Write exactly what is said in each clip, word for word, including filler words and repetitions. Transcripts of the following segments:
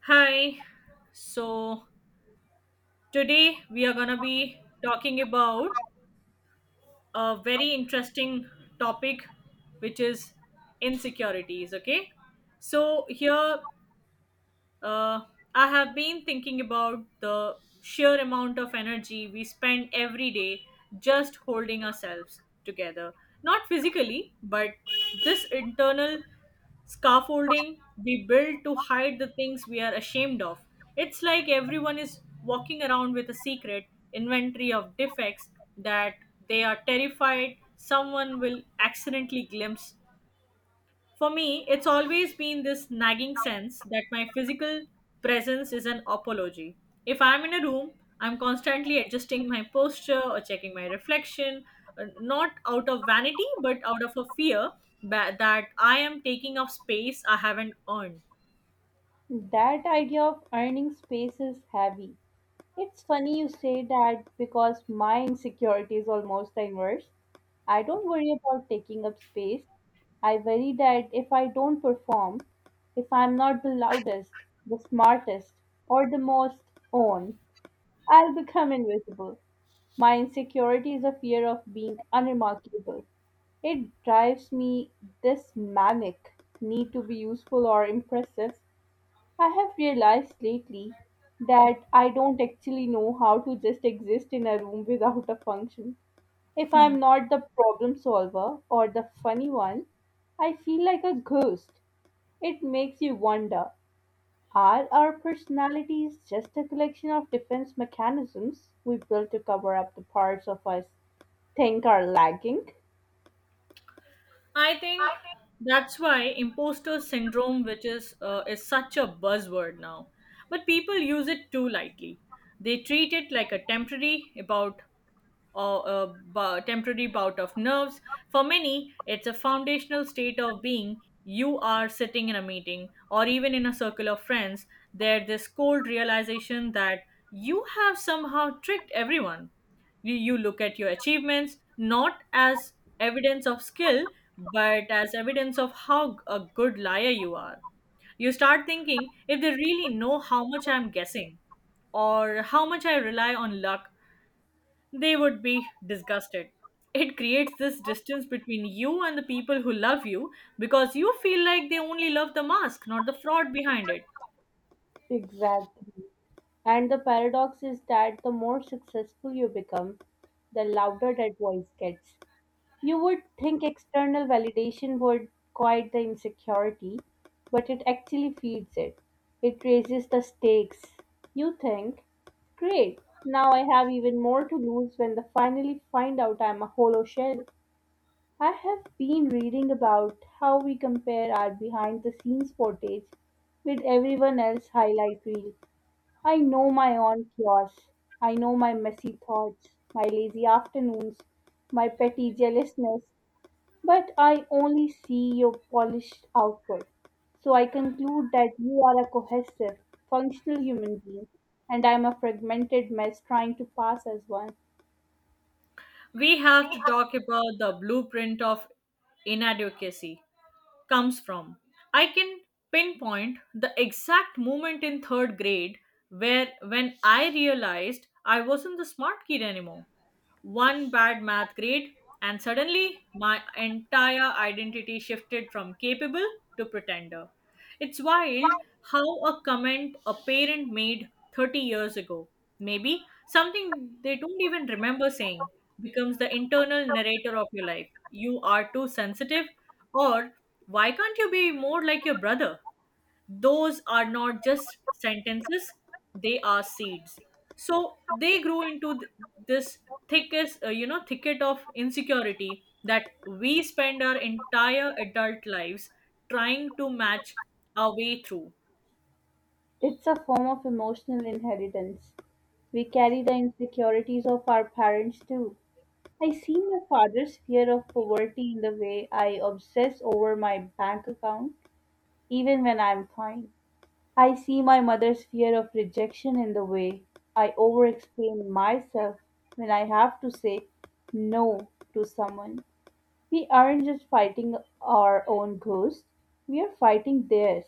Hi. So today we are going to be talking about a very interesting topic, which is insecurities. Okay. So here uh, I have been thinking about the sheer amount of energy we spend every day just holding ourselves together. Not physically, but this internal scaffolding we build to hide the things we are ashamed of. It's like everyone is walking around with a secret inventory of defects that they are terrified someone will accidentally glimpse. For me, it's always been this nagging sense that my physical presence is an apology. If I'm in a room, I'm constantly adjusting my posture or checking my reflection, uh, not out of vanity, but out of a fear ba- that I am taking up space I haven't earned. That idea of earning space is heavy. It's funny you say that because my insecurity is almost the inverse. I don't worry about taking up space. I worry that if I don't perform, if I'm not the loudest, the smartest, or the most on, I'll become invisible. My insecurity is a fear of being unremarkable. It drives me this manic need to be useful or impressive. I have realized lately that I don't actually know how to just exist in a room without a function. If I'm not the problem solver or the funny one, I feel like a ghost. It makes you wonder, are our personalities just a collection of defense mechanisms we built to cover up the parts of us think are lagging? I think that's why imposter syndrome, which is uh, is such a buzzword now, but people use it too lightly. They treat it like a temporary about or a bu- temporary bout of nerves. For many, it's a foundational state of being. You are sitting in a meeting or even in a circle of friends, there, this cold realization that you have somehow tricked everyone. You, you look at your achievements not as evidence of skill, but as evidence of how g- a good liar you are. You start thinking if they really know how much I'm guessing or how much I rely on luck, they would be disgusted. It creates this distance between you and the people who love you because you feel like they only love the mask, not the fraud behind it. Exactly. And the paradox is that the more successful you become, the louder that voice gets. You would think external validation would quiet the insecurity, but it actually feeds it. It raises the stakes. You think, great, now I have even more to lose when they finally find out I'm a hollow shell. I have been reading about how we compare our behind the scenes footage with everyone else's highlight reel. I know my own chaos. I know my messy thoughts, my lazy afternoons, my petty jealousness, but I only see your polished output. So I conclude that you are a cohesive, functional human being, and I'm a fragmented mess trying to pass as one. We have to talk about the blueprint of inadequacy comes from. I can pinpoint the exact moment in third grade where when I realized I wasn't the smart kid anymore. One bad math grade, and suddenly my entire identity shifted from capable to pretender. It's wild how a comment a parent made thirty years ago, maybe something they don't even remember saying, becomes the internal narrator of your life. You are too sensitive, or why can't you be more like your brother? Those are not just sentences, they are seeds. So they grew into th- this thickest uh, you know thicket of insecurity that we spend our entire adult lives trying to match our way through. It's a form of emotional inheritance. We carry the insecurities of our parents too. I see my father's fear of poverty in the way I obsess over my bank account, even when I'm fine. I see my mother's fear of rejection in the way I overexplain myself when I have to say no to someone. We aren't just fighting our own ghosts, we are fighting theirs.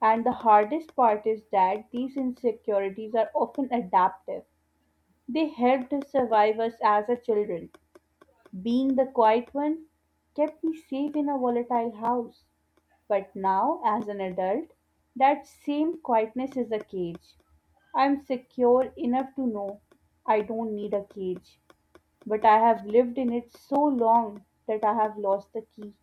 And the hardest part is that these insecurities are often adaptive. They helped us survive us as a children. Being the quiet one kept me safe in a volatile house. But now, as an adult, that same quietness is a cage. I'm secure enough to know I don't need a cage, but I have lived in it so long that I have lost the key.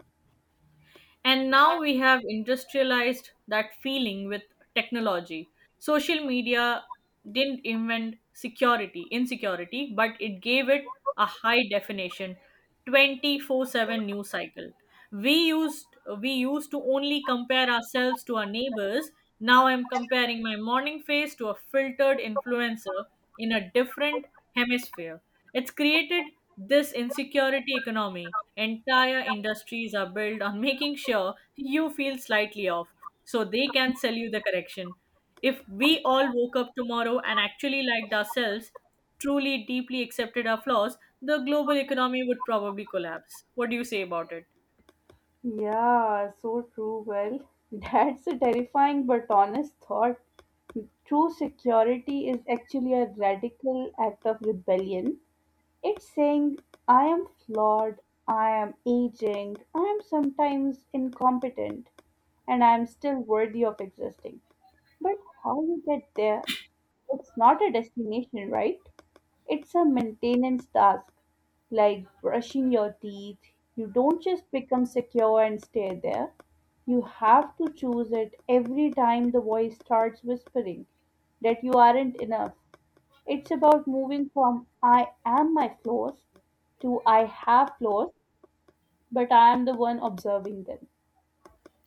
And now we have industrialized that feeling with technology. Social media didn't invent security, insecurity, but it gave it a high definition twenty-four seven news cycle. We used we used to only compare ourselves to our neighbors. Now I'm comparing my morning face to a filtered influencer in a different hemisphere. It's created this insecurity economy. Entire industries are built on making sure you feel slightly off so they can sell you the correction. If we all woke up tomorrow and actually liked ourselves, truly deeply accepted our flaws, the global economy would probably collapse. What do you say about it? Yeah, so true. Well, that's a terrifying but honest thought. True security is actually a radical act of rebellion. It's saying, I am flawed, I am aging, I am sometimes incompetent, and I am still worthy of existing. But how you get there? It's not a destination, right? It's a maintenance task, like brushing your teeth. You don't just become secure and stay there. You have to choose it every time the voice starts whispering that you aren't enough. It's about moving from I am my flaws to I have flaws, but I am the one observing them.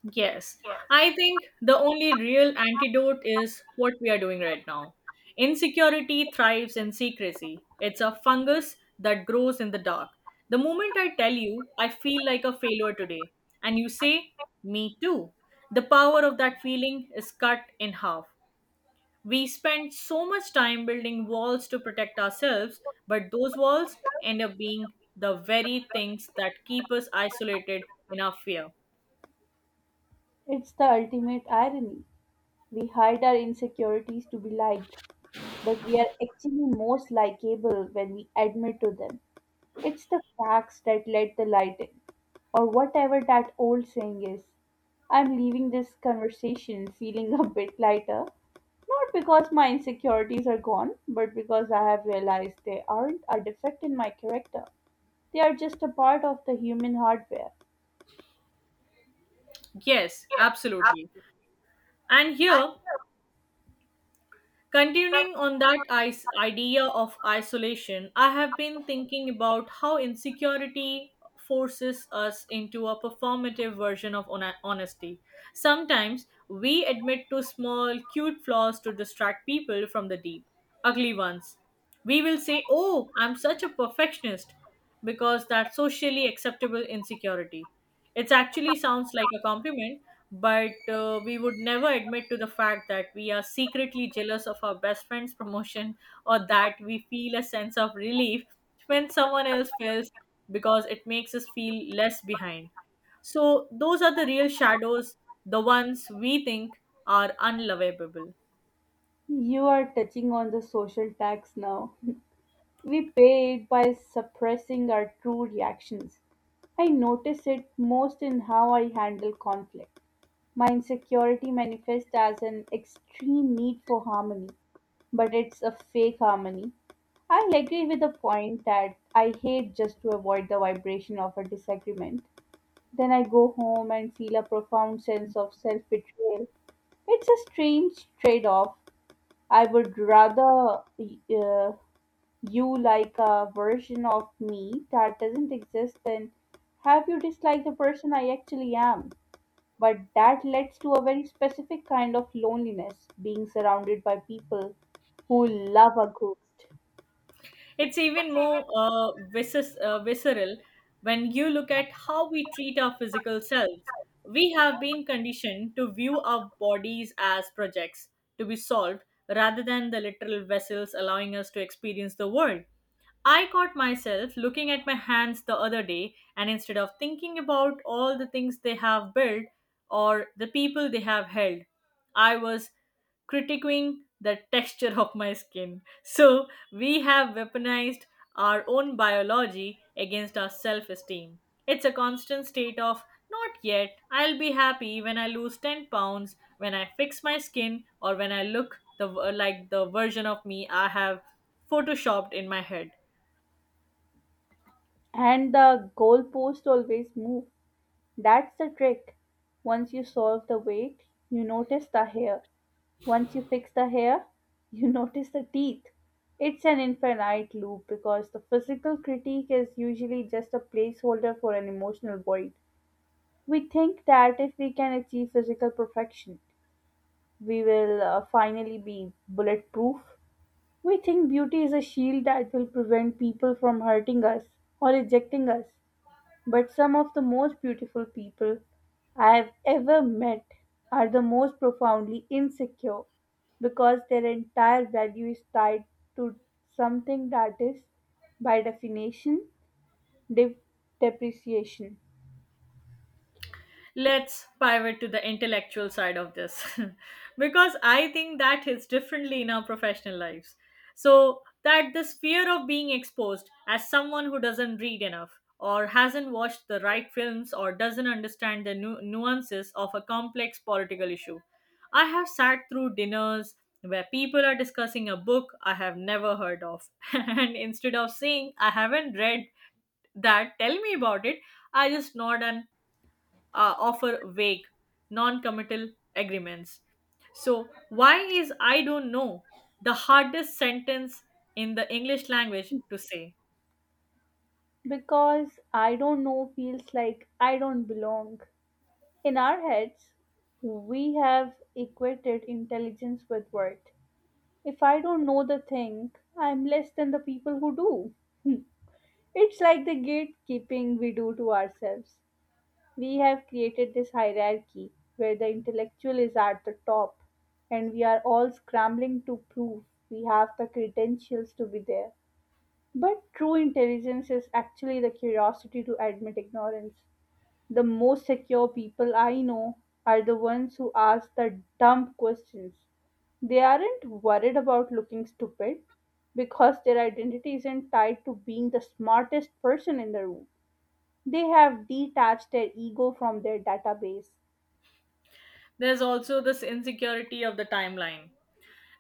Yes, I think the only real antidote is what we are doing right now. Insecurity thrives in secrecy. It's a fungus that grows in the dark. The moment I tell you, I feel like a failure today, and you say, "Me too," the power of that feeling is cut in half. We spend so much time building walls to protect ourselves, but those walls end up being the very things that keep us isolated in our fear. It's the ultimate irony. We hide our insecurities to be liked, but we are actually most likable when we admit to them. It's the cracks that let the light in, or whatever that old saying is. I'm leaving this conversation feeling a bit lighter, not because my insecurities are gone, but because I have realized they aren't a defect in my character. They are just a part of the human hardware. Yes, absolutely. And here, continuing on that is- idea of isolation, I have been thinking about how insecurity forces us into a performative version of hon- honesty. Sometimes we admit to small, cute flaws to distract people from the deep, ugly ones. We will say, "Oh, I'm such a perfectionist," because that's socially acceptable insecurity. It actually sounds like a compliment, but uh, we would never admit to the fact that we are secretly jealous of our best friend's promotion or that we feel a sense of relief when someone else fails because it makes us feel less behind. So, those are the real shadows, the ones we think are unlovable. You are touching on the social tax now. We pay it by suppressing our true reactions. I notice it most in how I handle conflict. My insecurity manifests as an extreme need for harmony, but it's a fake harmony. I agree with the point that I hate just to avoid the vibration of a disagreement. Then I go home and feel a profound sense of self betrayal. It's a strange trade off, I would rather uh, you like a version of me that doesn't exist than have you dislike the person I actually am. But that leads to a very specific kind of loneliness, being surrounded by people who love a ghost. It's even more uh, visces uh, visceral when you look at how we treat our physical selves. We have been conditioned to view our bodies as projects to be solved rather than the literal vessels allowing us to experience the world. I caught myself looking at my hands the other day, and instead of thinking about all the things they have built or the people they have held, I was critiquing the texture of my skin. So we have weaponized our own biology against our self esteem. It's a constant state of not yet, I'll be happy when I lose ten pounds, when I fix my skin, or when I look the, like the version of me I have photoshopped in my head. And the goalpost always move. That's the trick. Once you solve the weight, you notice the hair. Once you fix the hair, you notice the teeth. It's an infinite loop because the physical critique is usually just a placeholder for an emotional void. We think that if we can achieve physical perfection, we will uh, finally be bulletproof. We think beauty is a shield that will prevent people from hurting us or rejecting us. But some of the most beautiful people I have ever met are the most profoundly insecure because their entire value is tied to something that is, by definition, de- depreciation. Let's pivot to the intellectual side of this because I think that hits differently in our professional lives. So that this fear of being exposed as someone who doesn't read enough or hasn't watched the right films or doesn't understand the nu- nuances of a complex political issue. I have sat through dinners where people are discussing a book I have never heard of, and instead of saying I haven't read that, tell me about it, I just nod and uh, offer vague, non committal agreements. So, why is "I don't know" the hardest sentence in the English language to say? Because I don't know feels like I don't belong. In our heads, we have equated intelligence with worth. If I don't know the thing, I'm less than the people who do. It's like the gatekeeping we do to ourselves. We have created this hierarchy where the intellectual is at the top, and we are all scrambling to prove we have the credentials to be there. But true intelligence is actually the curiosity to admit ignorance. The most secure people I know are the ones who ask the dumb questions. They aren't worried about looking stupid because their identity isn't tied to being the smartest person in the room. They have detached their ego from their database. There's also this insecurity of the timeline.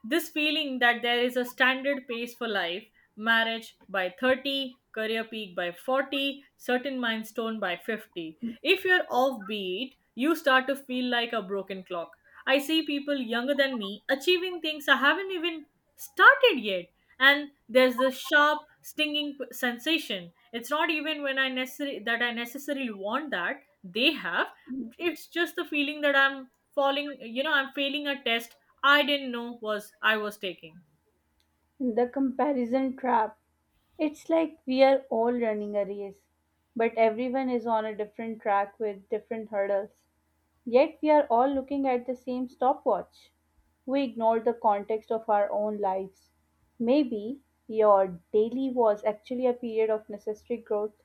This feeling that there is a standard pace for life, marriage by thirty, career peak by forty, certain milestone by fifty. If you're offbeat, you start to feel like a broken clock. I see people younger than me achieving things I haven't even started yet. And there's this sharp, stinging p- sensation. It's not even when I necessarily that I necessarily want that they have. It's just the feeling that I'm falling. You know, I'm failing a test I didn't know was I was taking. The comparison trap. It's like we are all running a race, but everyone is on a different track with different hurdles. Yet we are all looking at the same stopwatch. We ignore the context of our own lives. Maybe your daily was actually a period of necessary growth,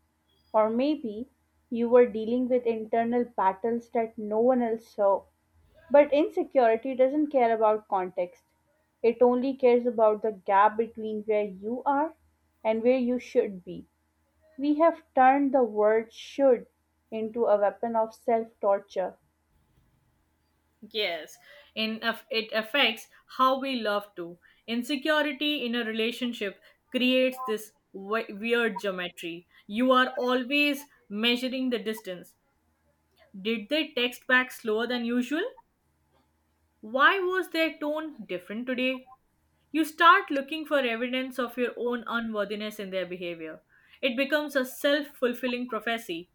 or maybe you were dealing with internal battles that no one else saw. But insecurity doesn't care about context. It only cares about the gap between where you are and where you should be. We have turned the word should into a weapon of self torture. Yes, in aff- it affects how we love to. Insecurity in a relationship creates this we- weird geometry. You are always measuring the distance. Did they text back slower than usual? Why was their tone different today? You start looking for evidence of your own unworthiness in their behavior. It becomes a self fulfilling prophecy.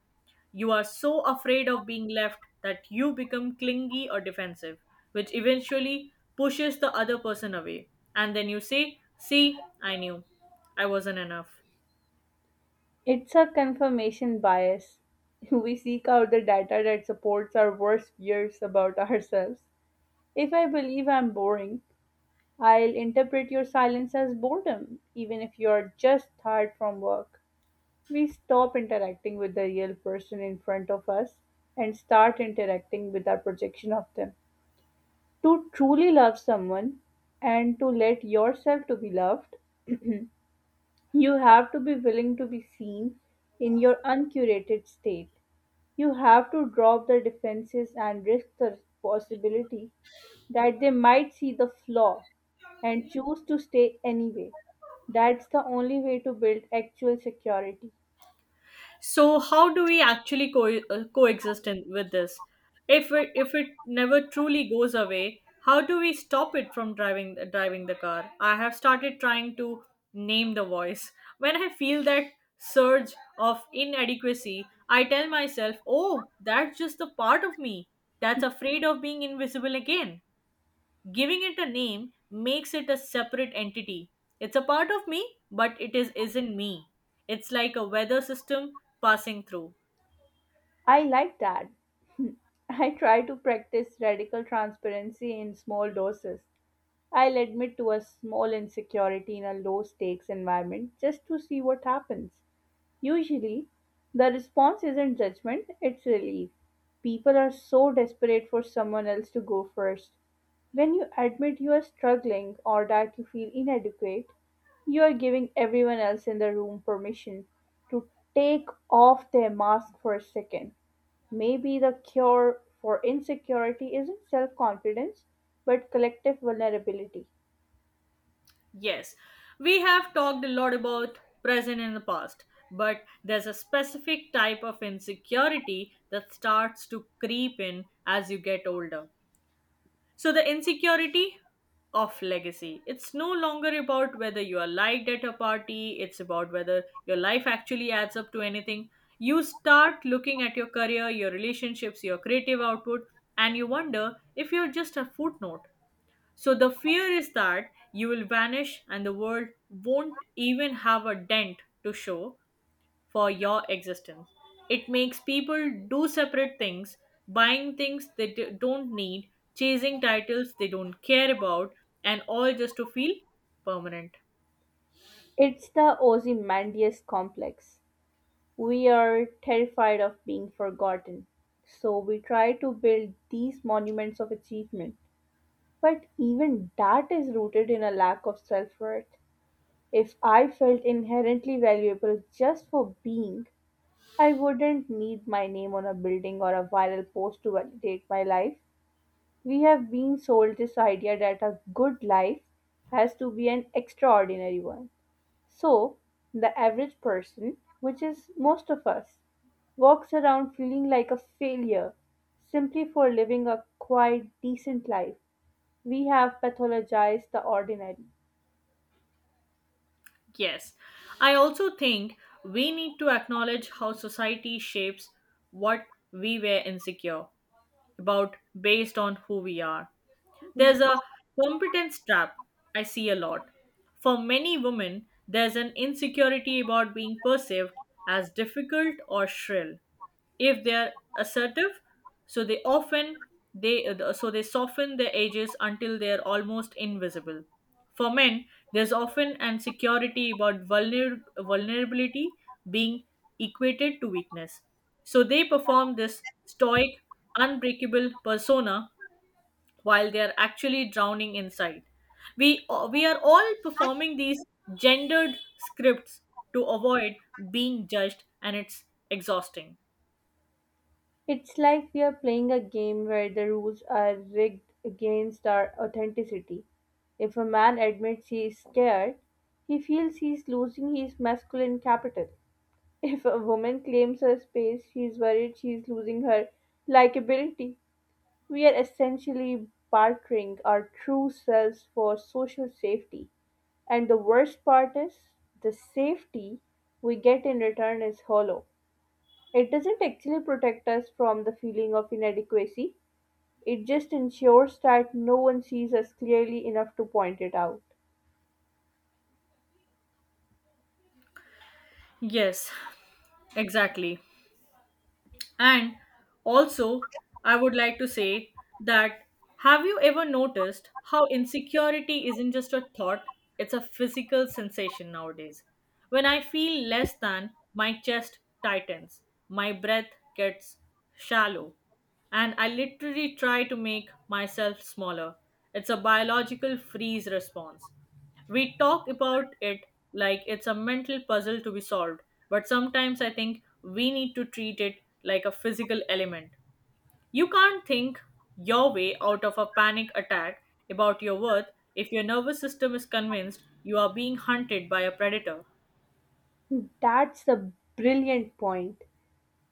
You are so afraid of being left that you become clingy or defensive, which eventually pushes the other person away. And then you say, "See, I knew I wasn't enough." It's a confirmation bias. We seek out the data that supports our worst fears about ourselves. If I believe I'm boring, I'll interpret your silence as boredom, even if you're just tired from work. We stop interacting with the real person in front of us and start interacting with our projection of them. To truly love someone and to let yourself to be loved, you have to be willing to be seen in your uncurated state. You have to drop the defenses and risk the possibility that they might see the flaw and choose to stay anyway. That's the only way to build actual security. So how do we actually co- uh, coexist in, with this? If it, if it never truly goes away, how do we stop it from driving driving the car? I have started trying to name the voice. When I feel that surge of inadequacy, I tell myself, "Oh, that's just the part of me that's afraid of being invisible again." Giving it a name makes it a separate entity. It's a part of me, but it is isn't me. It's like a weather system passing through. I like that. I try to practice radical transparency in small doses. I'll admit to a small insecurity in a low stakes environment just to see what happens. Usually, the response isn't judgment, it's relief. People are so desperate for someone else to go first. When you admit you are struggling or that you feel inadequate, you are giving everyone else in the room permission to take off their mask for a second. Maybe the cure for insecurity isn't self confidence, but collective vulnerability. Yes, we have talked a lot about present and the past, but there's a specific type of insecurity that starts to creep in as you get older. So the insecurity of legacy. It's no longer about whether you are liked at a party, it's about whether your life actually adds up to anything. You start looking at your career, your relationships, your creative output, and you wonder if you're just a footnote. So the fear is that you will vanish and the world won't even have a dent to show for your existence. It makes people do separate things, buying things they d- don't need, chasing titles they don't care about, and all just to feel permanent. It's the Ozymandias complex. We are terrified of being forgotten. So we try to build these monuments of achievement. But even that is rooted in a lack of self worth. If I felt inherently valuable just for being, I wouldn't need my name on a building or a viral post to validate my life. We have been sold this idea that a good life has to be an extraordinary one. So, the average person, which is most of us, walks around feeling like a failure simply for living a quite decent life. We have pathologized the ordinary. Yes, I also think we need to acknowledge how society shapes what we were insecure about based on who we are. There's a competence trap I see a lot. For many women, there's an insecurity about being perceived as difficult or shrill if they're assertive, so they often they uh, so they soften their edges until they're almost invisible. For men, there's often an security about vulner- vulnerability being equated to weakness, so they perform this stoic unbreakable persona while they are actually drowning inside. We, uh, we are all performing these gendered scripts to avoid being judged, and it's exhausting. It's like we are playing a game where the rules are rigged against our authenticity. If a man admits he is scared, he feels he is losing his masculine capital. If a woman claims her space, she is worried she is losing her likability. We are essentially bartering our true selves for social safety. And the worst part is, the safety we get in return is hollow. It doesn't actually protect us from the feeling of inadequacy, it just ensures that no one sees us clearly enough to point it out. Yes, exactly. And also, I would like to say that have you ever noticed how insecurity isn't just a thought, it's a physical sensation nowadays? When I feel less than, my chest tightens, my breath gets shallow, and I literally try to make myself smaller. It's a biological freeze response. We talk about it like it's a mental puzzle to be solved, but sometimes I think we need to treat it like a physical element. You can't think your way out of a panic attack about your worth if your nervous system is convinced you are being hunted by a predator. That's a brilliant point.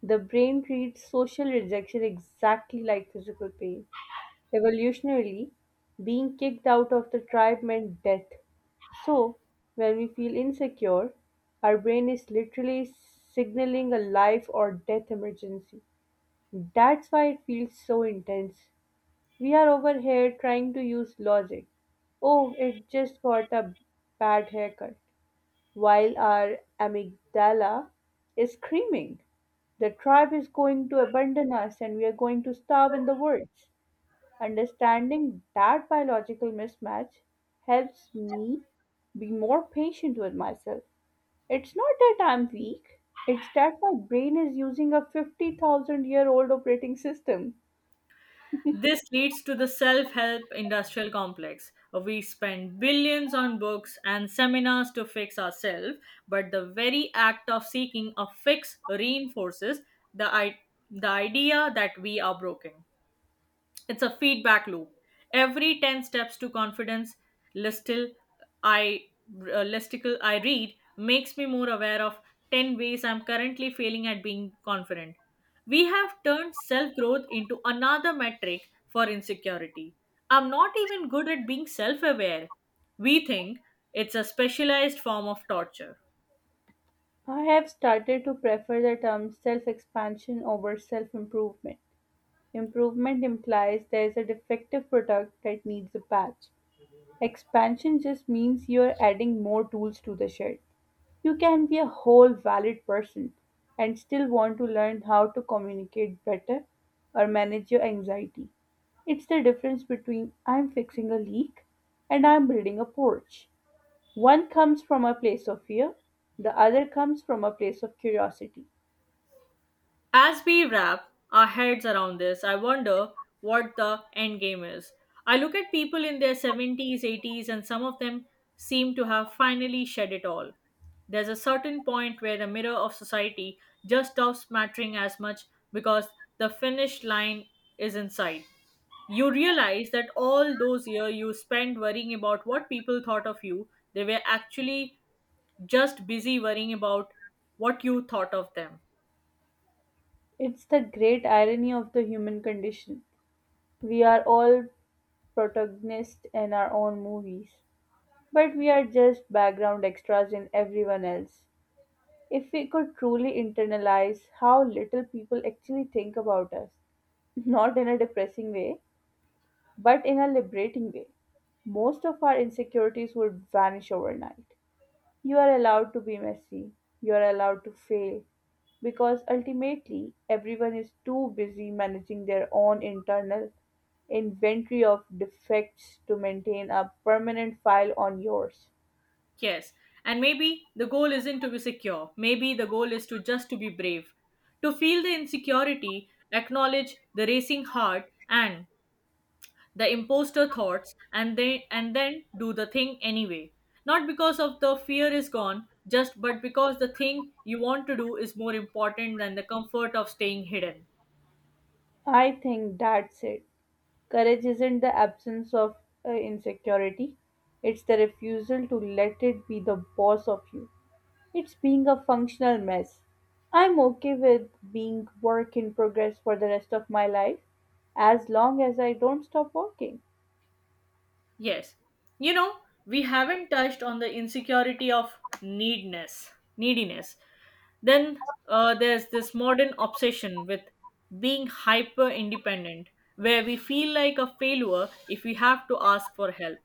The brain treats social rejection exactly like physical pain. Evolutionarily, being kicked out of the tribe meant death. So, when we feel insecure, our brain is literally signaling a life or death emergency. That's why it feels so intense. We are over here trying to use logic. Oh, it just got a bad haircut. While our amygdala is screaming, the tribe is going to abandon us and we are going to starve in the woods. Understanding that biological mismatch helps me be more patient with myself. It's not that I'm weak, it's that my brain is using a fifty thousand year old operating system. This leads to the self help industrial complex. We spend billions on books and seminars to fix ourselves, but the very act of seeking a fix reinforces the, I- the idea that we are broken. It's a feedback loop. Every ten steps to confidence listicle, I uh, listicle I read, makes me more aware of ten ways I'm currently failing at being confident. We have turned self growth into another metric for insecurity. I'm not even good at being self aware, we think. It's a specialized form of torture. I have started to prefer the term self expansion over self improvement. Improvement implies there is a defective product that needs a patch. Expansion just means you are adding more tools to the shed. You can be a whole valid person and still want to learn how to communicate better or manage your anxiety. It's the difference between I'm fixing a leak and I'm building a porch. One comes from a place of fear, the other comes from a place of curiosity. As we wrap our heads around this, I wonder what the end game is. I look at people in their seventies, eighties, and some of them seem to have finally shed it all. There's a certain point where the mirror of society just stops mattering as much because the finish line is in sight. You realize that all those years you spent worrying about what people thought of you, they were actually just busy worrying about what you thought of them. It's the great irony of the human condition. We are all protagonists in our own movies, but we are just background extras in everyone else. If we could truly internalize how little people actually think about us, not in a depressing way, but in a liberating way, most of our insecurities would vanish overnight. You are allowed to be messy. You are allowed to fail. Because ultimately, everyone is too busy managing their own internal inventory of defects to maintain a permanent file on yours. Yes, and maybe the goal isn't to be secure. Maybe the goal is to just to be brave, to feel the insecurity, acknowledge the racing heart and the imposter thoughts, and then and then do the thing anyway. Not because of the fear is gone, just but because the thing you want to do is more important than the comfort of staying hidden. I think that's it. Courage isn't the absence of uh, insecurity, it's the refusal to let it be the boss of you. It's being a functional mess. I'm okay with being work in progress for the rest of my life as long as I don't stop working. Yes. You know, we haven't touched on the insecurity of needness, neediness. Then uh, there's this modern obsession with being hyper independent, where we feel like a failure if we have to ask for help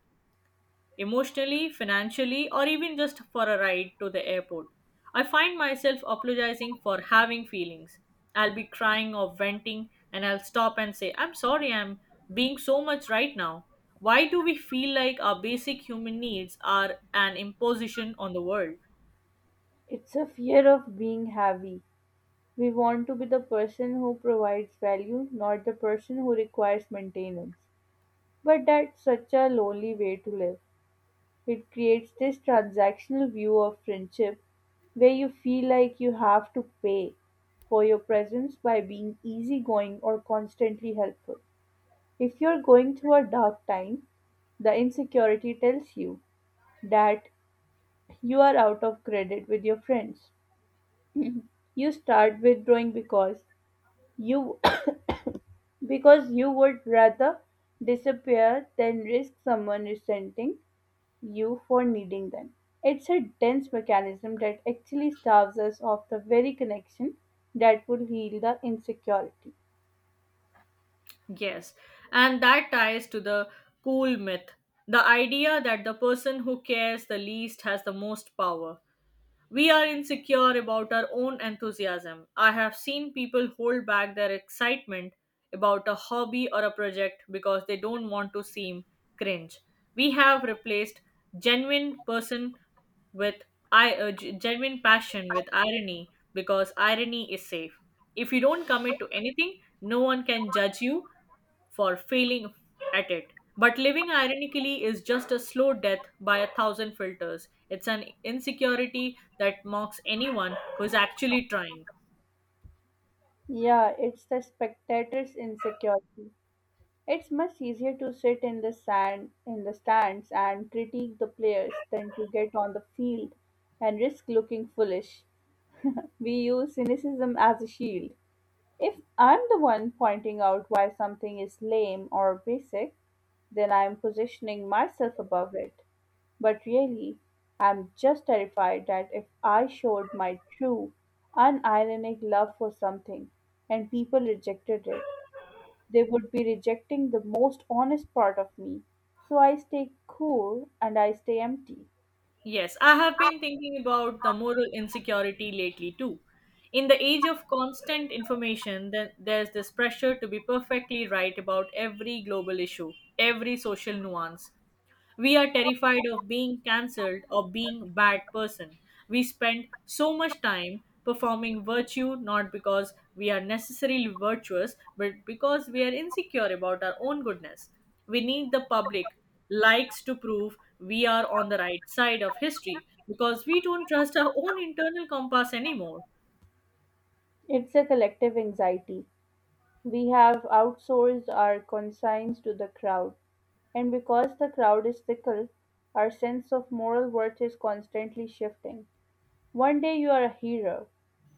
emotionally, financially, or even just for a ride to the airport. I find myself apologizing for having feelings. I'll be crying or venting, and I'll stop and say, I'm sorry, I'm being so much right now. Why do we feel like our basic human needs are an imposition on the world? It's a fear of being heavy. We want to be the person who provides value, not the person who requires maintenance. But that's such a lonely way to live. It creates this transactional view of friendship where you feel like you have to pay for your presence by being easygoing or constantly helpful. If you're going through a dark time, the insecurity tells you that you are out of credit with your friends. You start withdrawing because you because you would rather disappear than risk someone resenting you for needing them. It's a dense mechanism that actually starves us of the very connection that would heal the insecurity. Yes, and that ties to the cool myth, the idea that the person who cares the least has the most power. We are insecure about our own enthusiasm. I have seen people hold back their excitement about a hobby or a project because they don't want to seem cringe. We have replaced genuine person with I uh, g- genuine passion with irony because irony is safe. If you don't commit to anything, no one can judge you for failing at it. But living ironically is just a slow death by a thousand filters. It's an insecurity that mocks anyone who's actually trying. Yeah, it's the spectator's insecurity. It's much easier to sit in the sand in the stands and critique the players than to get on the field and risk looking foolish. We use cynicism as a shield. If I'm the one pointing out why something is lame or basic, then I'm positioning myself above it. But really, I'm just terrified that if I showed my true, unironic love for something and people rejected it, they would be rejecting the most honest part of me. So I stay cool and I stay empty. Yes, I have been thinking about the moral insecurity lately too. In the age of constant information, th- there's this pressure to be perfectly right about every global issue, every social nuance. We are terrified of being cancelled or being bad person. We spend so much time performing virtue not because we are necessarily virtuous but because we are insecure about our own goodness. We need the public likes to prove we are on the right side of history because we don't trust our own internal compass anymore. It's a collective anxiety. We have outsourced our conscience to the crowd. And because the crowd is fickle, our sense of moral worth is constantly shifting. One day you are a hero,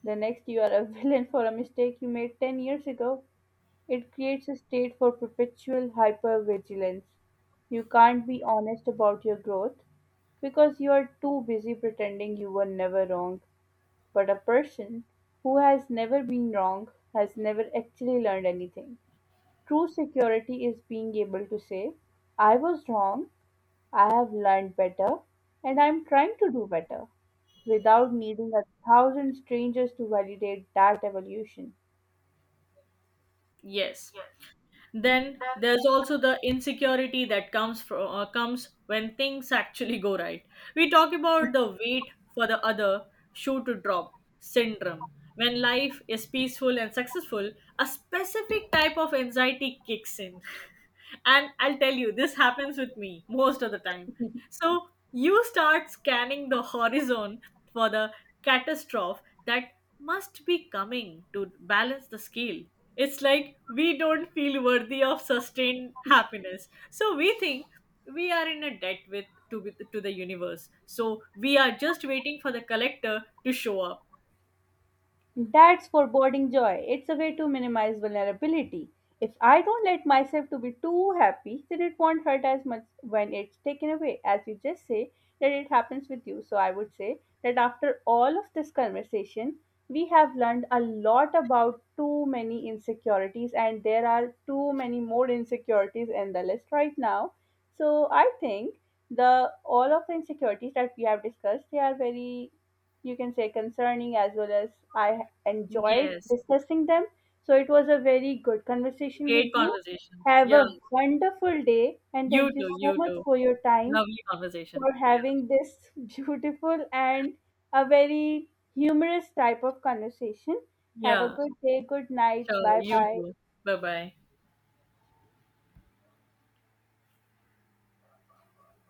the next you are a villain for a mistake you made ten years ago. It creates a state for perpetual hypervigilance. You can't be honest about your growth because you are too busy pretending you were never wrong. But a person who has never been wrong has never actually learned anything. True security is being able to say, I was wrong, I have learned better, and I am trying to do better, without needing a thousand strangers to validate that evolution. Yes. Then there's also the insecurity that comes from uh, comes when things actually go right. We talk about the wait for the other shoe to drop syndrome. When life is peaceful and successful, a specific type of anxiety kicks in. And I'll tell you, this happens with me most of the time. So you start scanning the horizon for the catastrophe that must be coming to balance the scale. It's like we don't feel worthy of sustained happiness. So we think we are in a debt with to, with, to the universe. So we are just waiting for the collector to show up. That's foreboding joy. It's a way to minimize vulnerability. If I don't let myself to be too happy, then it won't hurt as much when it's taken away. As you just say that it happens with you. So I would say that after all of this conversation, we have learned a lot about too many insecurities and there are too many more insecurities in the list right now. So I think the all of the insecurities that we have discussed, they are very you can say concerning as well as I enjoyed Yes. discussing them. So it was a very good conversation Great with you. conversation. Have Yeah. a wonderful day and You thank you too. so You much too. for your time Lovely conversation. for having this beautiful and a very humorous type of conversation. Have a Yeah. Yeah. good day, good night, Sure. bye You bye. too. Bye bye.